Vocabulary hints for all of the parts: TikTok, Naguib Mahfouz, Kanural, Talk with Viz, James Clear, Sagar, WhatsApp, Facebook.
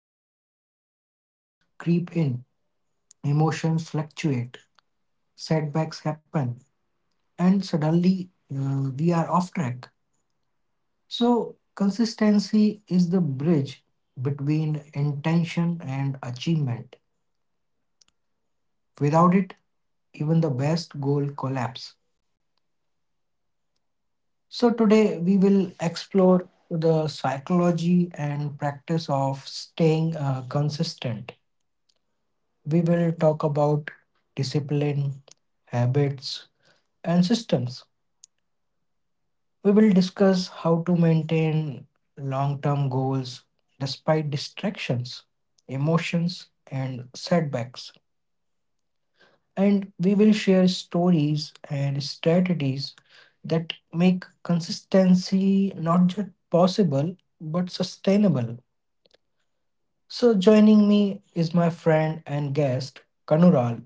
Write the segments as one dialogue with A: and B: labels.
A: way, distractions creep in, emotions fluctuate, setbacks happen and suddenly we are off track. So, consistency is the bridge between intention and achievement. Without it, even the best goal collapse. So, today we will explore the psychology and practice of staying consistent. We will talk about discipline, habits, and systems. We will discuss how to maintain long term goals despite distractions, emotions, and setbacks. And we will share stories and strategies that make consistency not just possible but sustainable. So, joining me is my friend and guest, Kanural.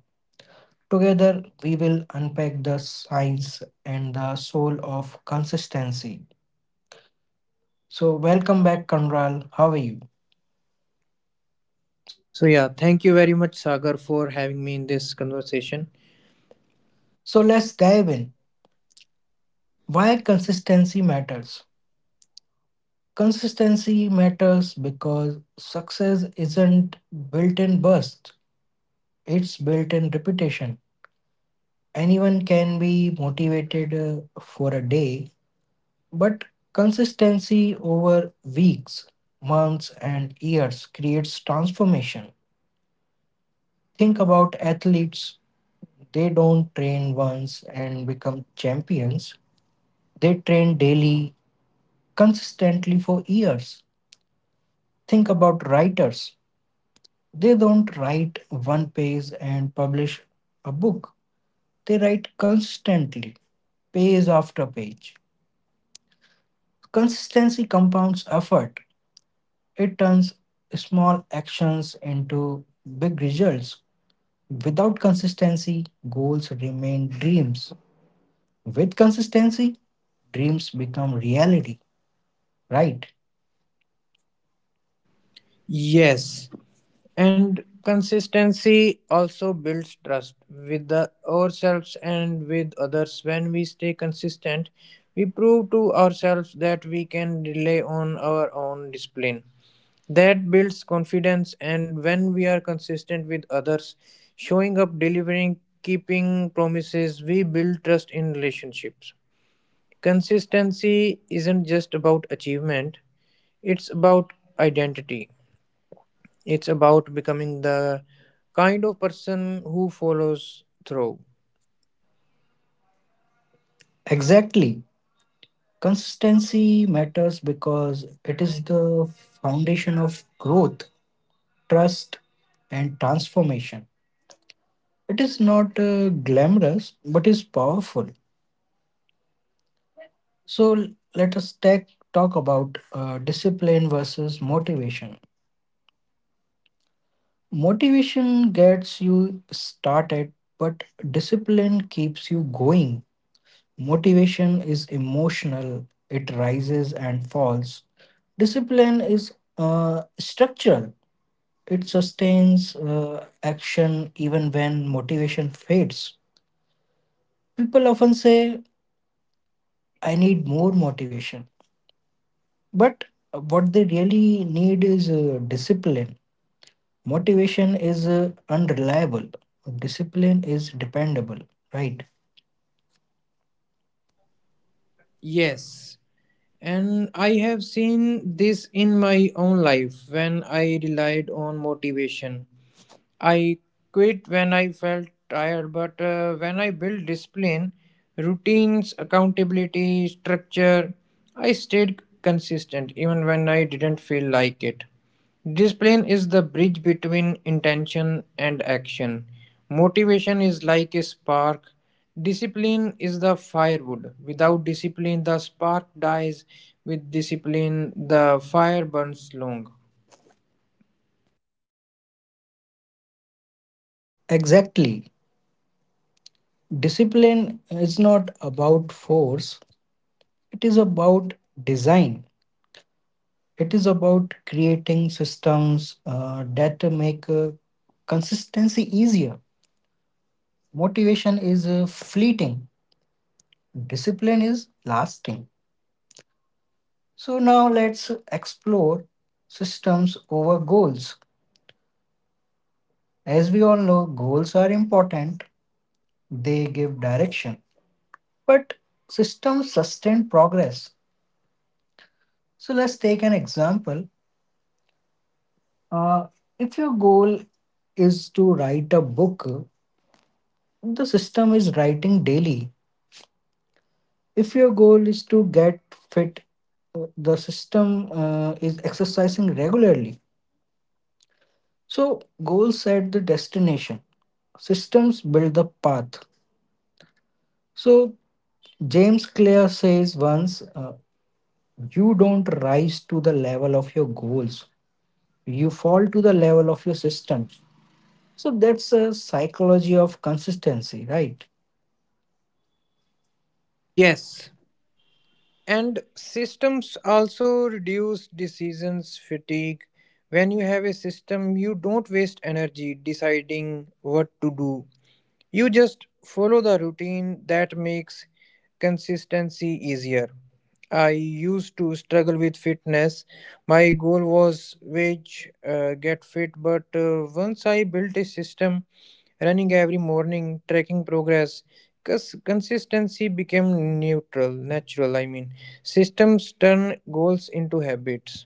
A: Together, we will unpack the science and the soul of consistency. So, welcome back, Kanural. How are you?
B: So, yeah, thank you very much, Sagar, for having me in this conversation.
A: So let's dive in. Why consistency matters. Consistency matters because success isn't built in bursts, it's built in repetition. Anyone can be motivated for a day, but consistency over weeks, months, and years creates transformation. Think about athletes, they don't train once and become champions, they train daily, consistently for years. Think about writers. They don't write one page and publish a book. They write constantly, page after page. Consistency compounds effort. It turns small actions into big results. Without consistency, goals remain dreams. With consistency, dreams become reality, right?
B: Yes, and consistency also builds trust with ourselves and with others. When we stay consistent, we prove to ourselves that we can rely on our own discipline. That builds confidence, and when we are consistent with others, showing up, delivering, keeping promises, we build trust in relationships. Consistency isn't just about achievement, it's about identity. It's about becoming the kind of person who follows through.
A: Exactly. Consistency matters because it is the foundation of growth, trust, and transformation. It is not glamorous, but is powerful. So let us talk about discipline versus motivation. Motivation gets you started, but discipline keeps you going. Motivation is emotional; it rises and falls. Discipline is structural. It sustains action even when motivation fades. People often say, I need more motivation. But what they really need is discipline. Motivation is unreliable, discipline is dependable, right?
B: Yes, and I have seen this in my own life when I relied on motivation I quit when I felt tired, but when I built discipline, routines, accountability, structure, I stayed consistent even when I didn't feel like it. Discipline is the bridge between intention and action. Motivation is like a spark. Discipline is the firewood. Without discipline, the spark dies. With discipline, the fire burns long.
A: Exactly. Discipline is not about force, it is about design. It is about creating systems that make consistency easier. Motivation is fleeting, discipline is lasting. So now let's explore systems over goals. As we all know, goals are important, they give direction, but systems sustain progress. So let's take an example. Uh, if your goal is to write a book, the system is writing daily. If your goal is to get fit, the system is exercising regularly. So, goals set the destination, systems build the path. So, James Clear says once, you don't rise to the level of your goals, you fall to the level of your system. So, that's a psychology of consistency, right?
B: Yes, and systems also reduce decisions fatigue. When you have a system, you don't waste energy deciding what to do. You just follow the routine that makes consistency easier. I used to struggle with fitness. My goal was wage, get fit, but once I built a system running every morning, tracking progress, cause consistency became neutral, natural. I mean, systems turn goals into habits.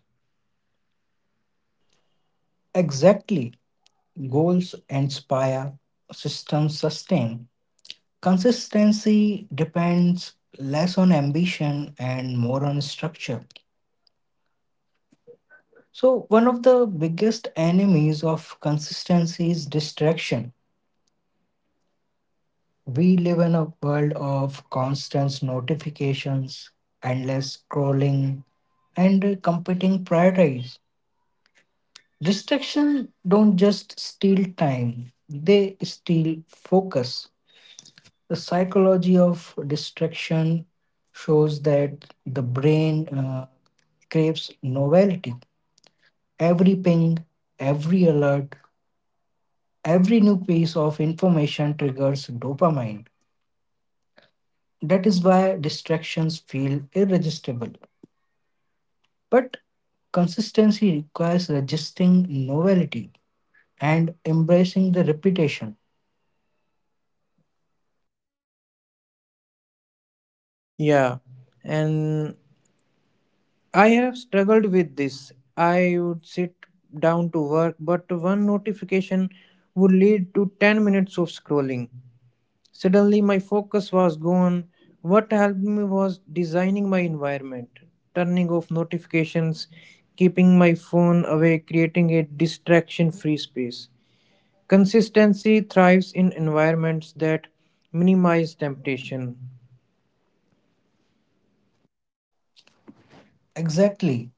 A: Exactly. Goals inspire, systems sustain. Consistency depends less on ambition and more on structure. So, one of the biggest enemies of consistency is distraction. We live in a world of constant notifications, endless scrolling, and competing priorities. Distractions don't just steal time, they steal focus. The psychology of distraction shows that the brain craves novelty. Every ping, every alert, every new piece of information triggers dopamine. That is why distractions feel irresistible. But consistency requires resisting novelty and embracing the repetition.
B: Yeah, and I have struggled with this. I would sit down to work, but one notification would lead to 10 minutes of scrolling. Suddenly, my focus was gone. What helped me was designing my environment, turning off notifications, keeping my phone away, creating a distraction free space. Consistency thrives in environments that minimize temptation.
A: Exactly.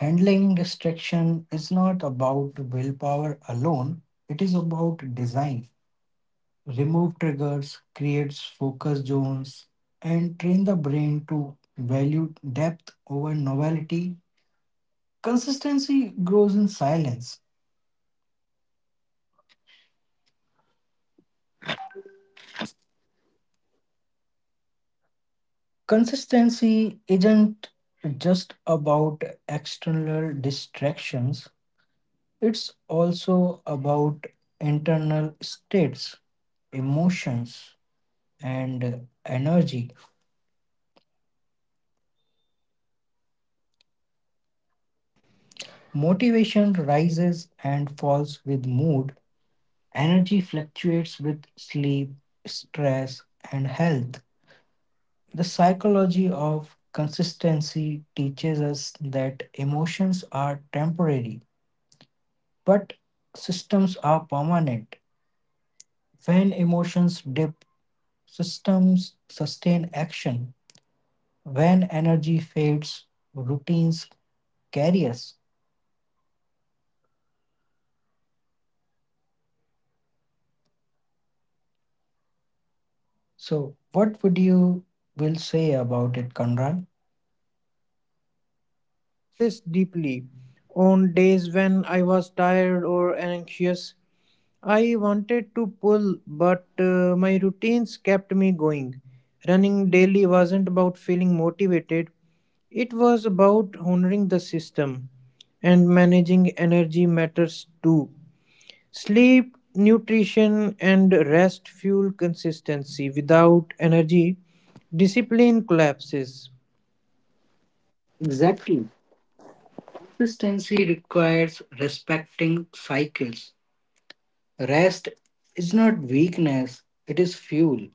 A: Handling distraction is not about willpower
B: So,
A: alone,
B: yes, Sagar,
A: it is
B: what do you think?
A: about design. Remove triggers, creates focus zones, and train the brain to value depth over novelty. Consistency grows in silence. Consistency isn't just about external distractions, it's also about internal states, emotions, and energy. Motivation rises and falls with mood, energy fluctuates with sleep, stress, and health. The psychology of consistency teaches us that emotions are temporary, but systems are permanent. When emotions dip, systems sustain action. When energy fades, routines carry us.
C: Yeah, and I would have to say, I have
A: So, what
C: faced,
A: would you will say about it, Conrad?
C: yeah, I have felt this deeply. On days when I was tired or anxious, I wanted to pull, but my routines kept me going. Running daily wasn't about feeling motivated, it was about honoring the system, and managing energy matters too. Sleep, nutrition, and rest fuel consistency. Without energy, discipline collapses.
A: Exactly. Consistency requires respecting cycles. Rest is not weakness, it is fuel.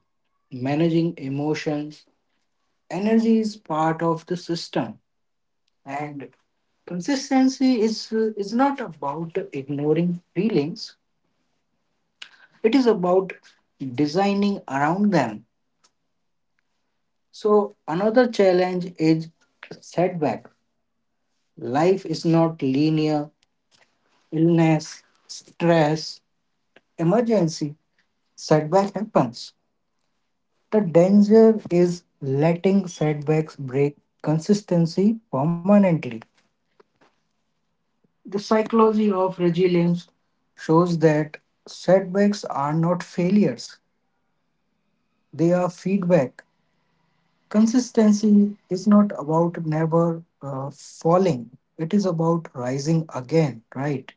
A: Managing emotions, energy is part of the system, and consistency is not about ignoring feelings. It is about designing around them. So, another challenge is setback. Life is not linear, illness, stress, emergency, setback happens. The danger is letting setbacks break consistency permanently. The psychology of resilience shows that setbacks are not failures, they are feedback. Consistency is not about never falling, it is about rising again, right?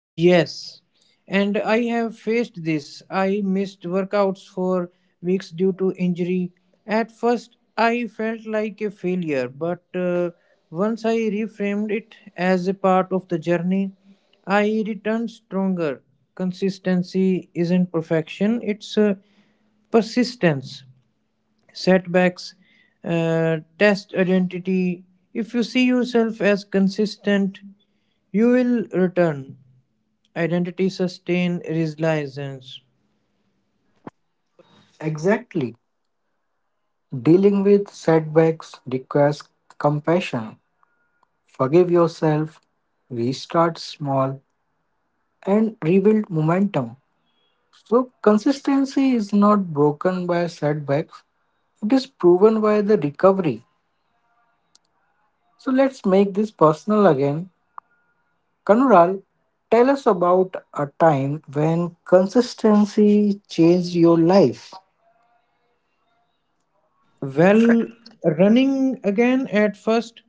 C: Yes, and I have faced this. I missed workouts for weeks due to injury. At first, I felt like a failure, but once I reframed it as a part of the journey, I returned stronger. Consistency isn't perfection, it's persistence. Setbacks, test identity. If you see yourself as consistent, you will return. Identity sustain resilience.
A: Exactly. Dealing with setbacks requires compassion. Forgive yourself, restart small, and rebuild momentum. So, consistency is not broken by setbacks, it is proven by the recovery. So, let's make this personal again. Kanural, tell us about a time when consistency changed your life.
C: Well, running again at first,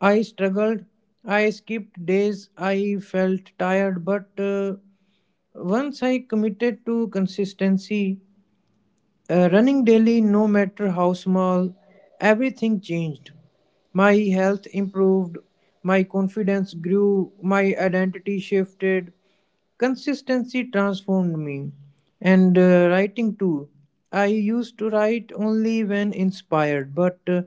C: I struggled. I skipped days. I felt tired. But once I committed to consistency, running daily, no matter how small, everything changed. My health improved, my confidence grew, my identity shifted, consistency transformed me. And writing too. I used to write only when inspired, but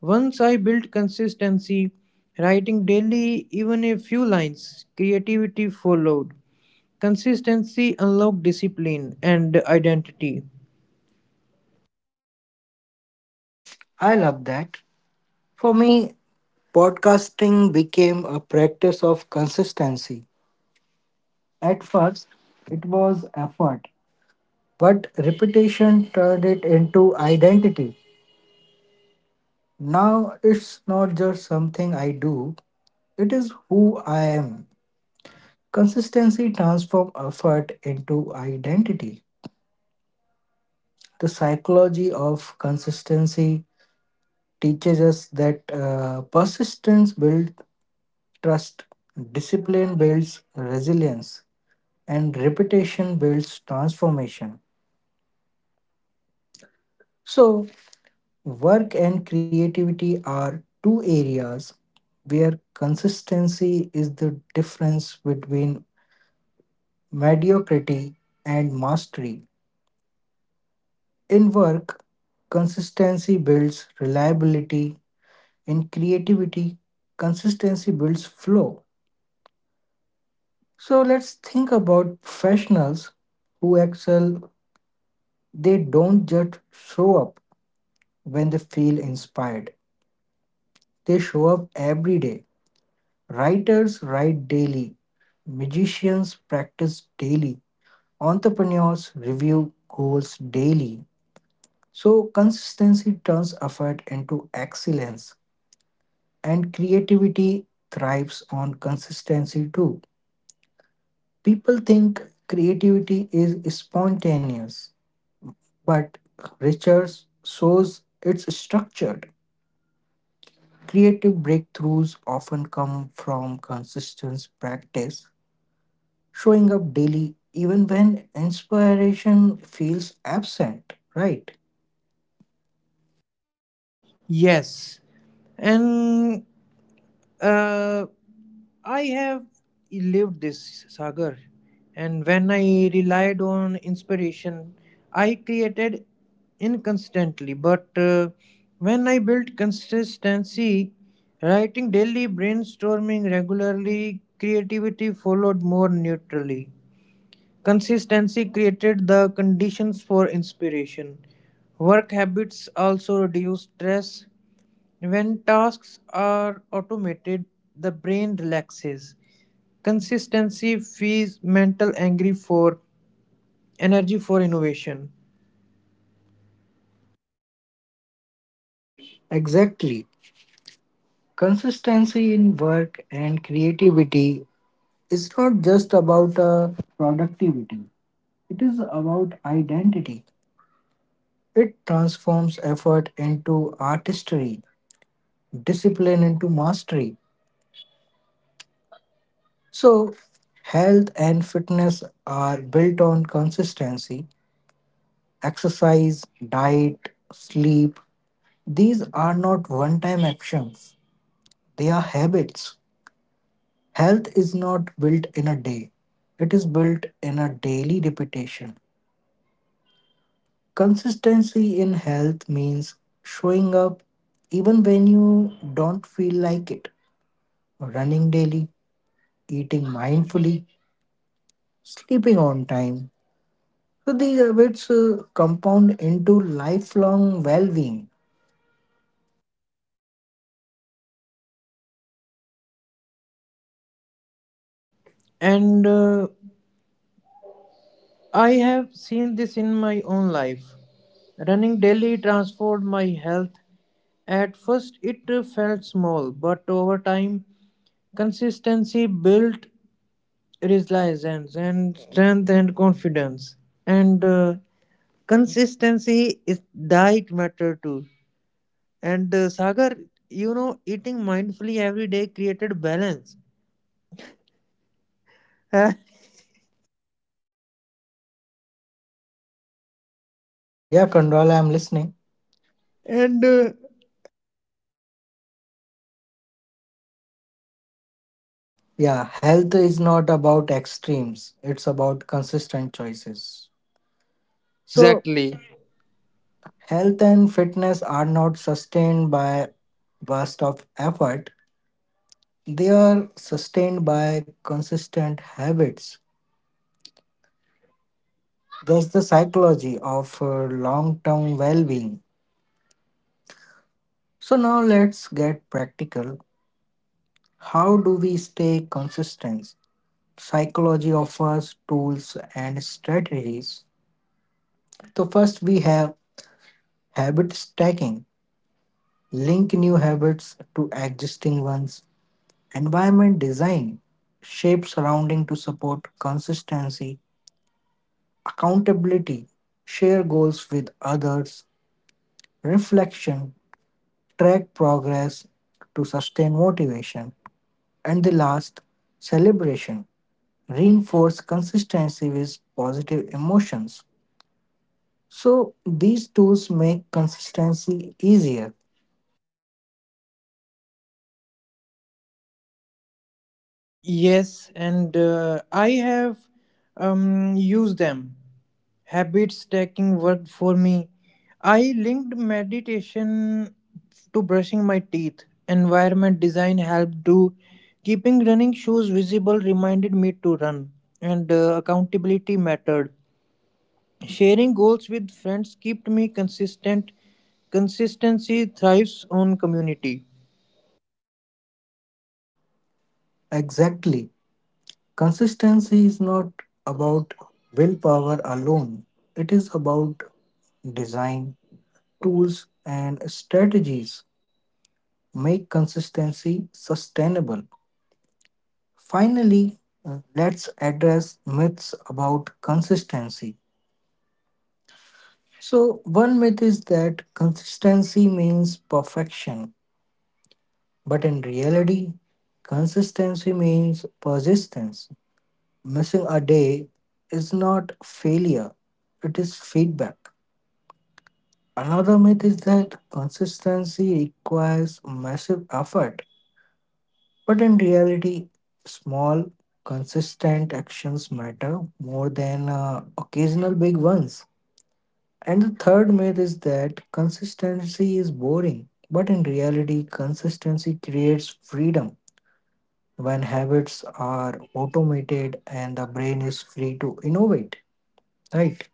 C: once I built consistency, writing daily, even a few lines, creativity followed. Consistency unlocked discipline and identity.
A: I love that. For me, podcasting became a practice of consistency. At first, it was effort, but repetition turned it into identity. Now, it's not just something I do, it is who I am. Consistency transforms effort into identity. The psychology of consistency teaches us that persistence builds trust, discipline builds resilience, and reputation builds transformation. So, work and creativity are two areas where consistency is the difference between mediocrity and mastery. In work, consistency builds reliability. In creativity, consistency builds flow. So let's think about professionals who excel. They don't just show up when they feel inspired, they show up every day. Writers write daily, magicians practice daily, entrepreneurs review goals daily. So consistency turns effort into excellence, and creativity thrives on consistency too. People think creativity is spontaneous but Richards shows it's structured. Creative breakthroughs often come from consistent practice, showing up daily even when inspiration feels absent, right?
C: Yes, and uh, I have lived this, Sagar. And when I relied on inspiration, I created inconsistently. But when I built consistency, writing daily, brainstorming regularly, creativity followed more neutrally. Consistency created the conditions for inspiration. Work habits also reduce stress. When tasks are automated, the brain relaxes. Consistency feeds mental angry for energy for innovation.
A: Exactly. Consistency in work and creativity is not just about productivity, it is about identity. It transforms effort into artistry, discipline into mastery. So, health and fitness are built on consistency, exercise, diet, sleep. These are not one time actions, they are habits. Health is not built in a day, it is built in a daily repetition. Consistency in health means showing up even when you don't feel like it, running daily, eating mindfully, sleeping on time. So these habits compound into lifelong well-being.
C: And I have seen this in my own life. Running daily transformed my health. At first, it felt small, but over time, consistency built resilience and strength and confidence and consistency is diet matter too and sagar you know eating mindfully every day created balance
A: Yeah, Condola, I'm listening.
C: and
A: Yeah, health is not about extremes. It's about consistent choices. So
C: exactly.
A: health and fitness are not sustained by burst of effort. They are sustained by consistent habits. That's the psychology of long-term well-being. So now let's get practical. How do we stay consistent? Psychology offers tools and strategies. So, first, we have habit stacking, link new habits to existing ones, environment design, shape surrounding to support consistency, accountability, share goals with others, reflection, track progress to sustain motivation, and the last, celebration, reinforce consistency with positive emotions. So these tools make consistency easier.
C: Yes, and I have used them. Habit stacking worked for me. I linked meditation to brushing my teeth. Environment design helped to keeping running shoes visible reminded me to run, and accountability mattered. Sharing goals with friends kept me consistent. Consistency thrives on community.
A: Exactly. Consistency is not about willpower alone, it is about design, tools, and strategies make consistency sustainable. Finally, let's address myths about consistency. So, one myth is that consistency means perfection, but in reality, consistency means persistence. Missing a day is not failure, it is feedback. Another myth is that consistency requires massive effort, but in reality, small, consistent actions matter more than occasional big ones. And the third myth is that consistency is boring, but in reality, consistency creates freedom when habits are automated and the brain is free to innovate, right?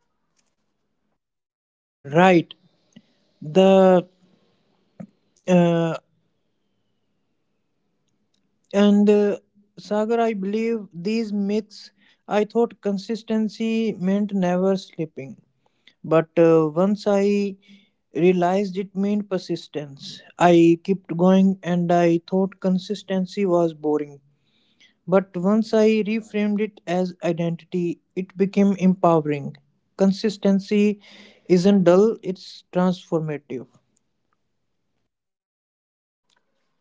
C: Right. The uh, And Sagar, I believe these myths, I thought consistency meant never sleeping. But once I realized it meant persistence, I kept going and I thought consistency was boring. But once I reframed it as identity, it became empowering. Consistency isn't dull, it's transformative.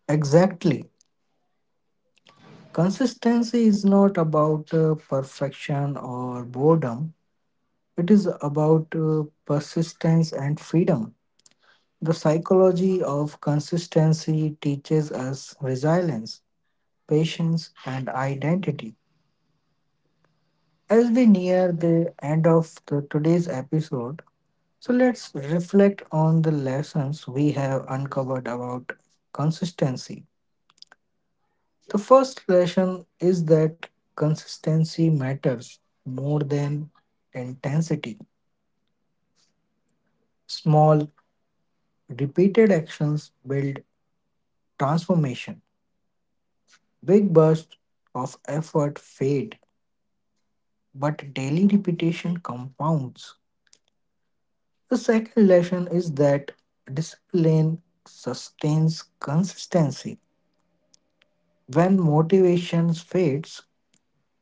A: Exactly. Consistency is not about perfection or boredom, it is about persistence and freedom. The psychology of consistency teaches us resilience, patience, and identity. As we near the end of the, today's episode, so let's reflect on the lessons we have uncovered about consistency. The first lesson is that consistency matters more than intensity. Small, repeated actions build transformation. Big bursts of effort fade, but daily repetition compounds. The second lesson is that discipline sustains consistency. When motivation fades,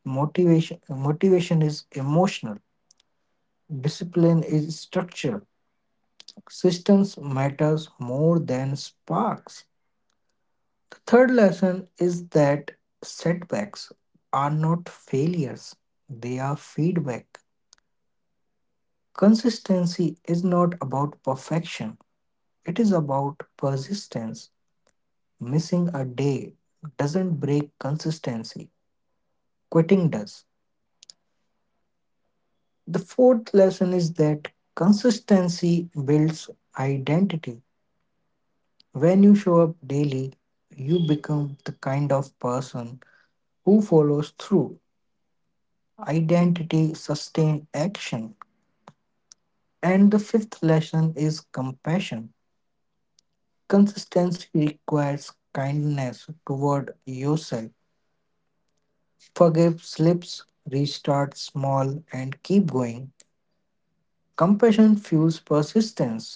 A: motivation is emotional. Discipline is structural. Systems matters more than sparks. The third lesson is that setbacks are not failures, they are feedback. Consistency is not about perfection, it is about persistence. Missing a day doesn't break consistency, quitting does. The fourth lesson is that consistency builds identity. When you show up daily, you become the kind of person who follows through. Identity sustain action. And the fifth lesson is compassion. Consistency requires kindness toward yourself. Forgive slips, restart small, and keep going. Compassion fuels persistence.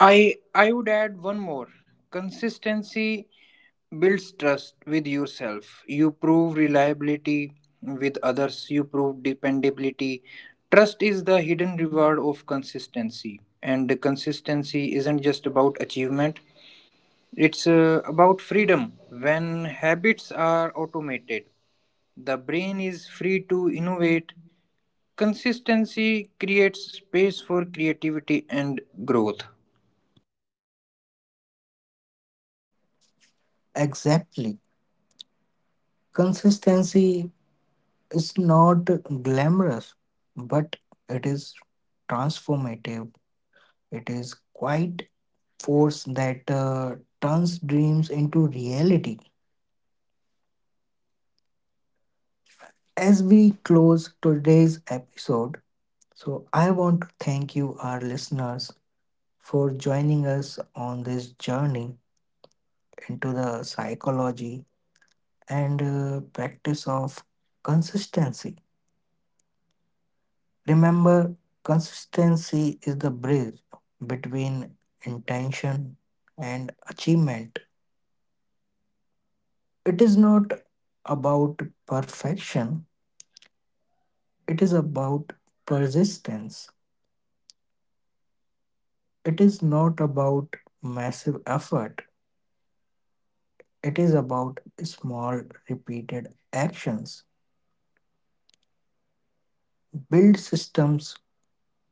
C: I would add one more. Consistency builds trust with yourself. You prove reliability with others. You prove dependability. Trust is the hidden reward of consistency, and consistency isn't just about achievement. It's about freedom. When habits are automated, the brain is free to innovate. Consistency creates space for creativity and growth.
A: Exactly. Consistency is not glamorous, but it is transformative. It is quite force that turns dreams into reality. As we close today's episode, so I want to thank you, our listeners, for joining us on this journey into the psychology and practice of consistency. Remember, consistency is the bridge between intention and achievement. It is not about perfection, it is about persistence. It is not about massive effort. It is about small, repeated actions. Build systems,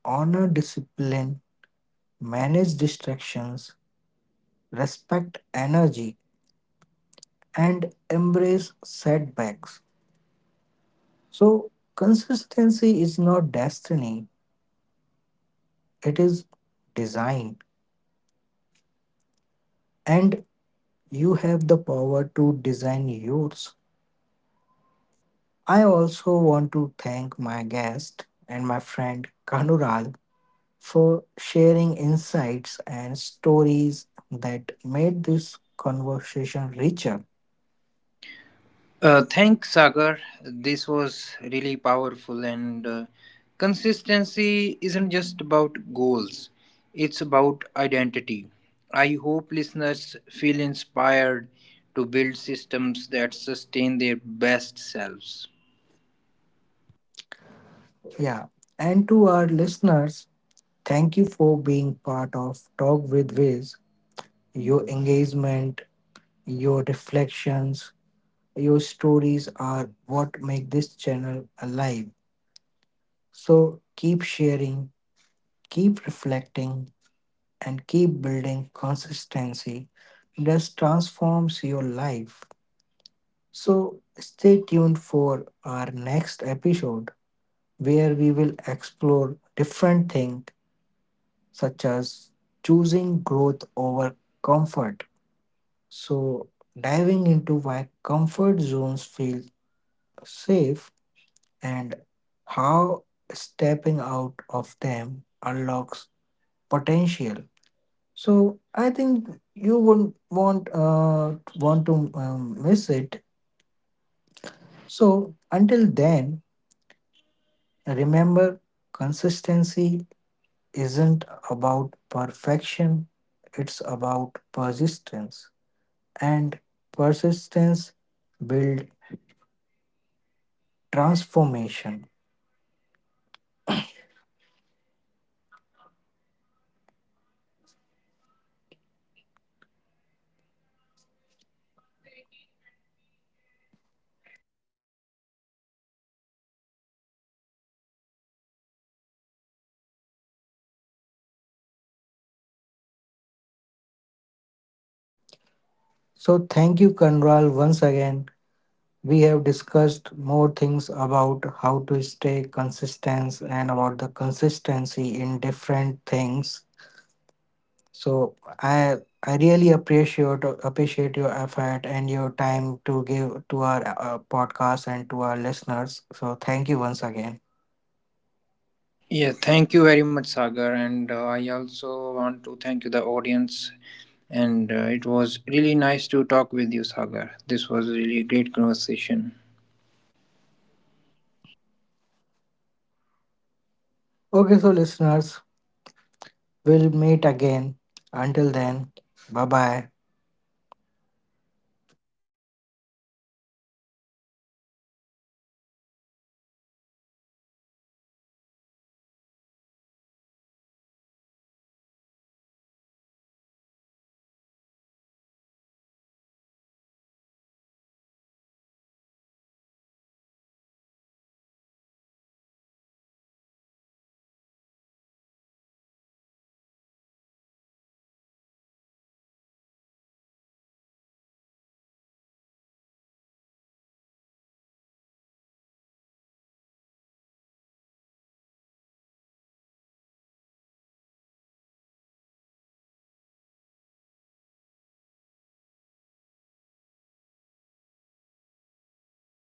A: honor discipline, manage distractions, respect energy, and embrace setbacks. So, consistency is not destiny, it is design, and you have the power to design yours. I also want to thank my guest and my friend Kanural for sharing insights and stories that made this conversation richer.
C: Thanks, Sagar. This was really powerful, and consistency isn't just about goals, it's about identity. I hope listeners feel inspired to build systems that sustain their best selves.
A: Yeah. And to our listeners, thank you for being part of Talk with Wiz. Your engagement, your reflections, your stories are what make this channel alive. So keep sharing, keep reflecting, and keep building consistency just transforms your life. So, stay tuned for our next episode where we will explore different things such as choosing growth over comfort. So, diving into why comfort zones feel safe and how stepping out of them unlocks potential. So I think you wouldn't want to miss it. So until then, remember consistency isn't about perfection, it's about persistence. And persistence build transformation. So thank you Kanral once again. We have discussed more things about how to stay consistent and about the consistency in different things. So I really appreciate your effort and your time to give to our podcast and to our listeners. So thank you once again.
C: Yeah, thank you very much, Sagar. And I also want to thank you, the audience. And it was really nice to talk with you, Sagar. This was really a great conversation.
A: Okay, so listeners, we'll meet again. Until then, bye bye.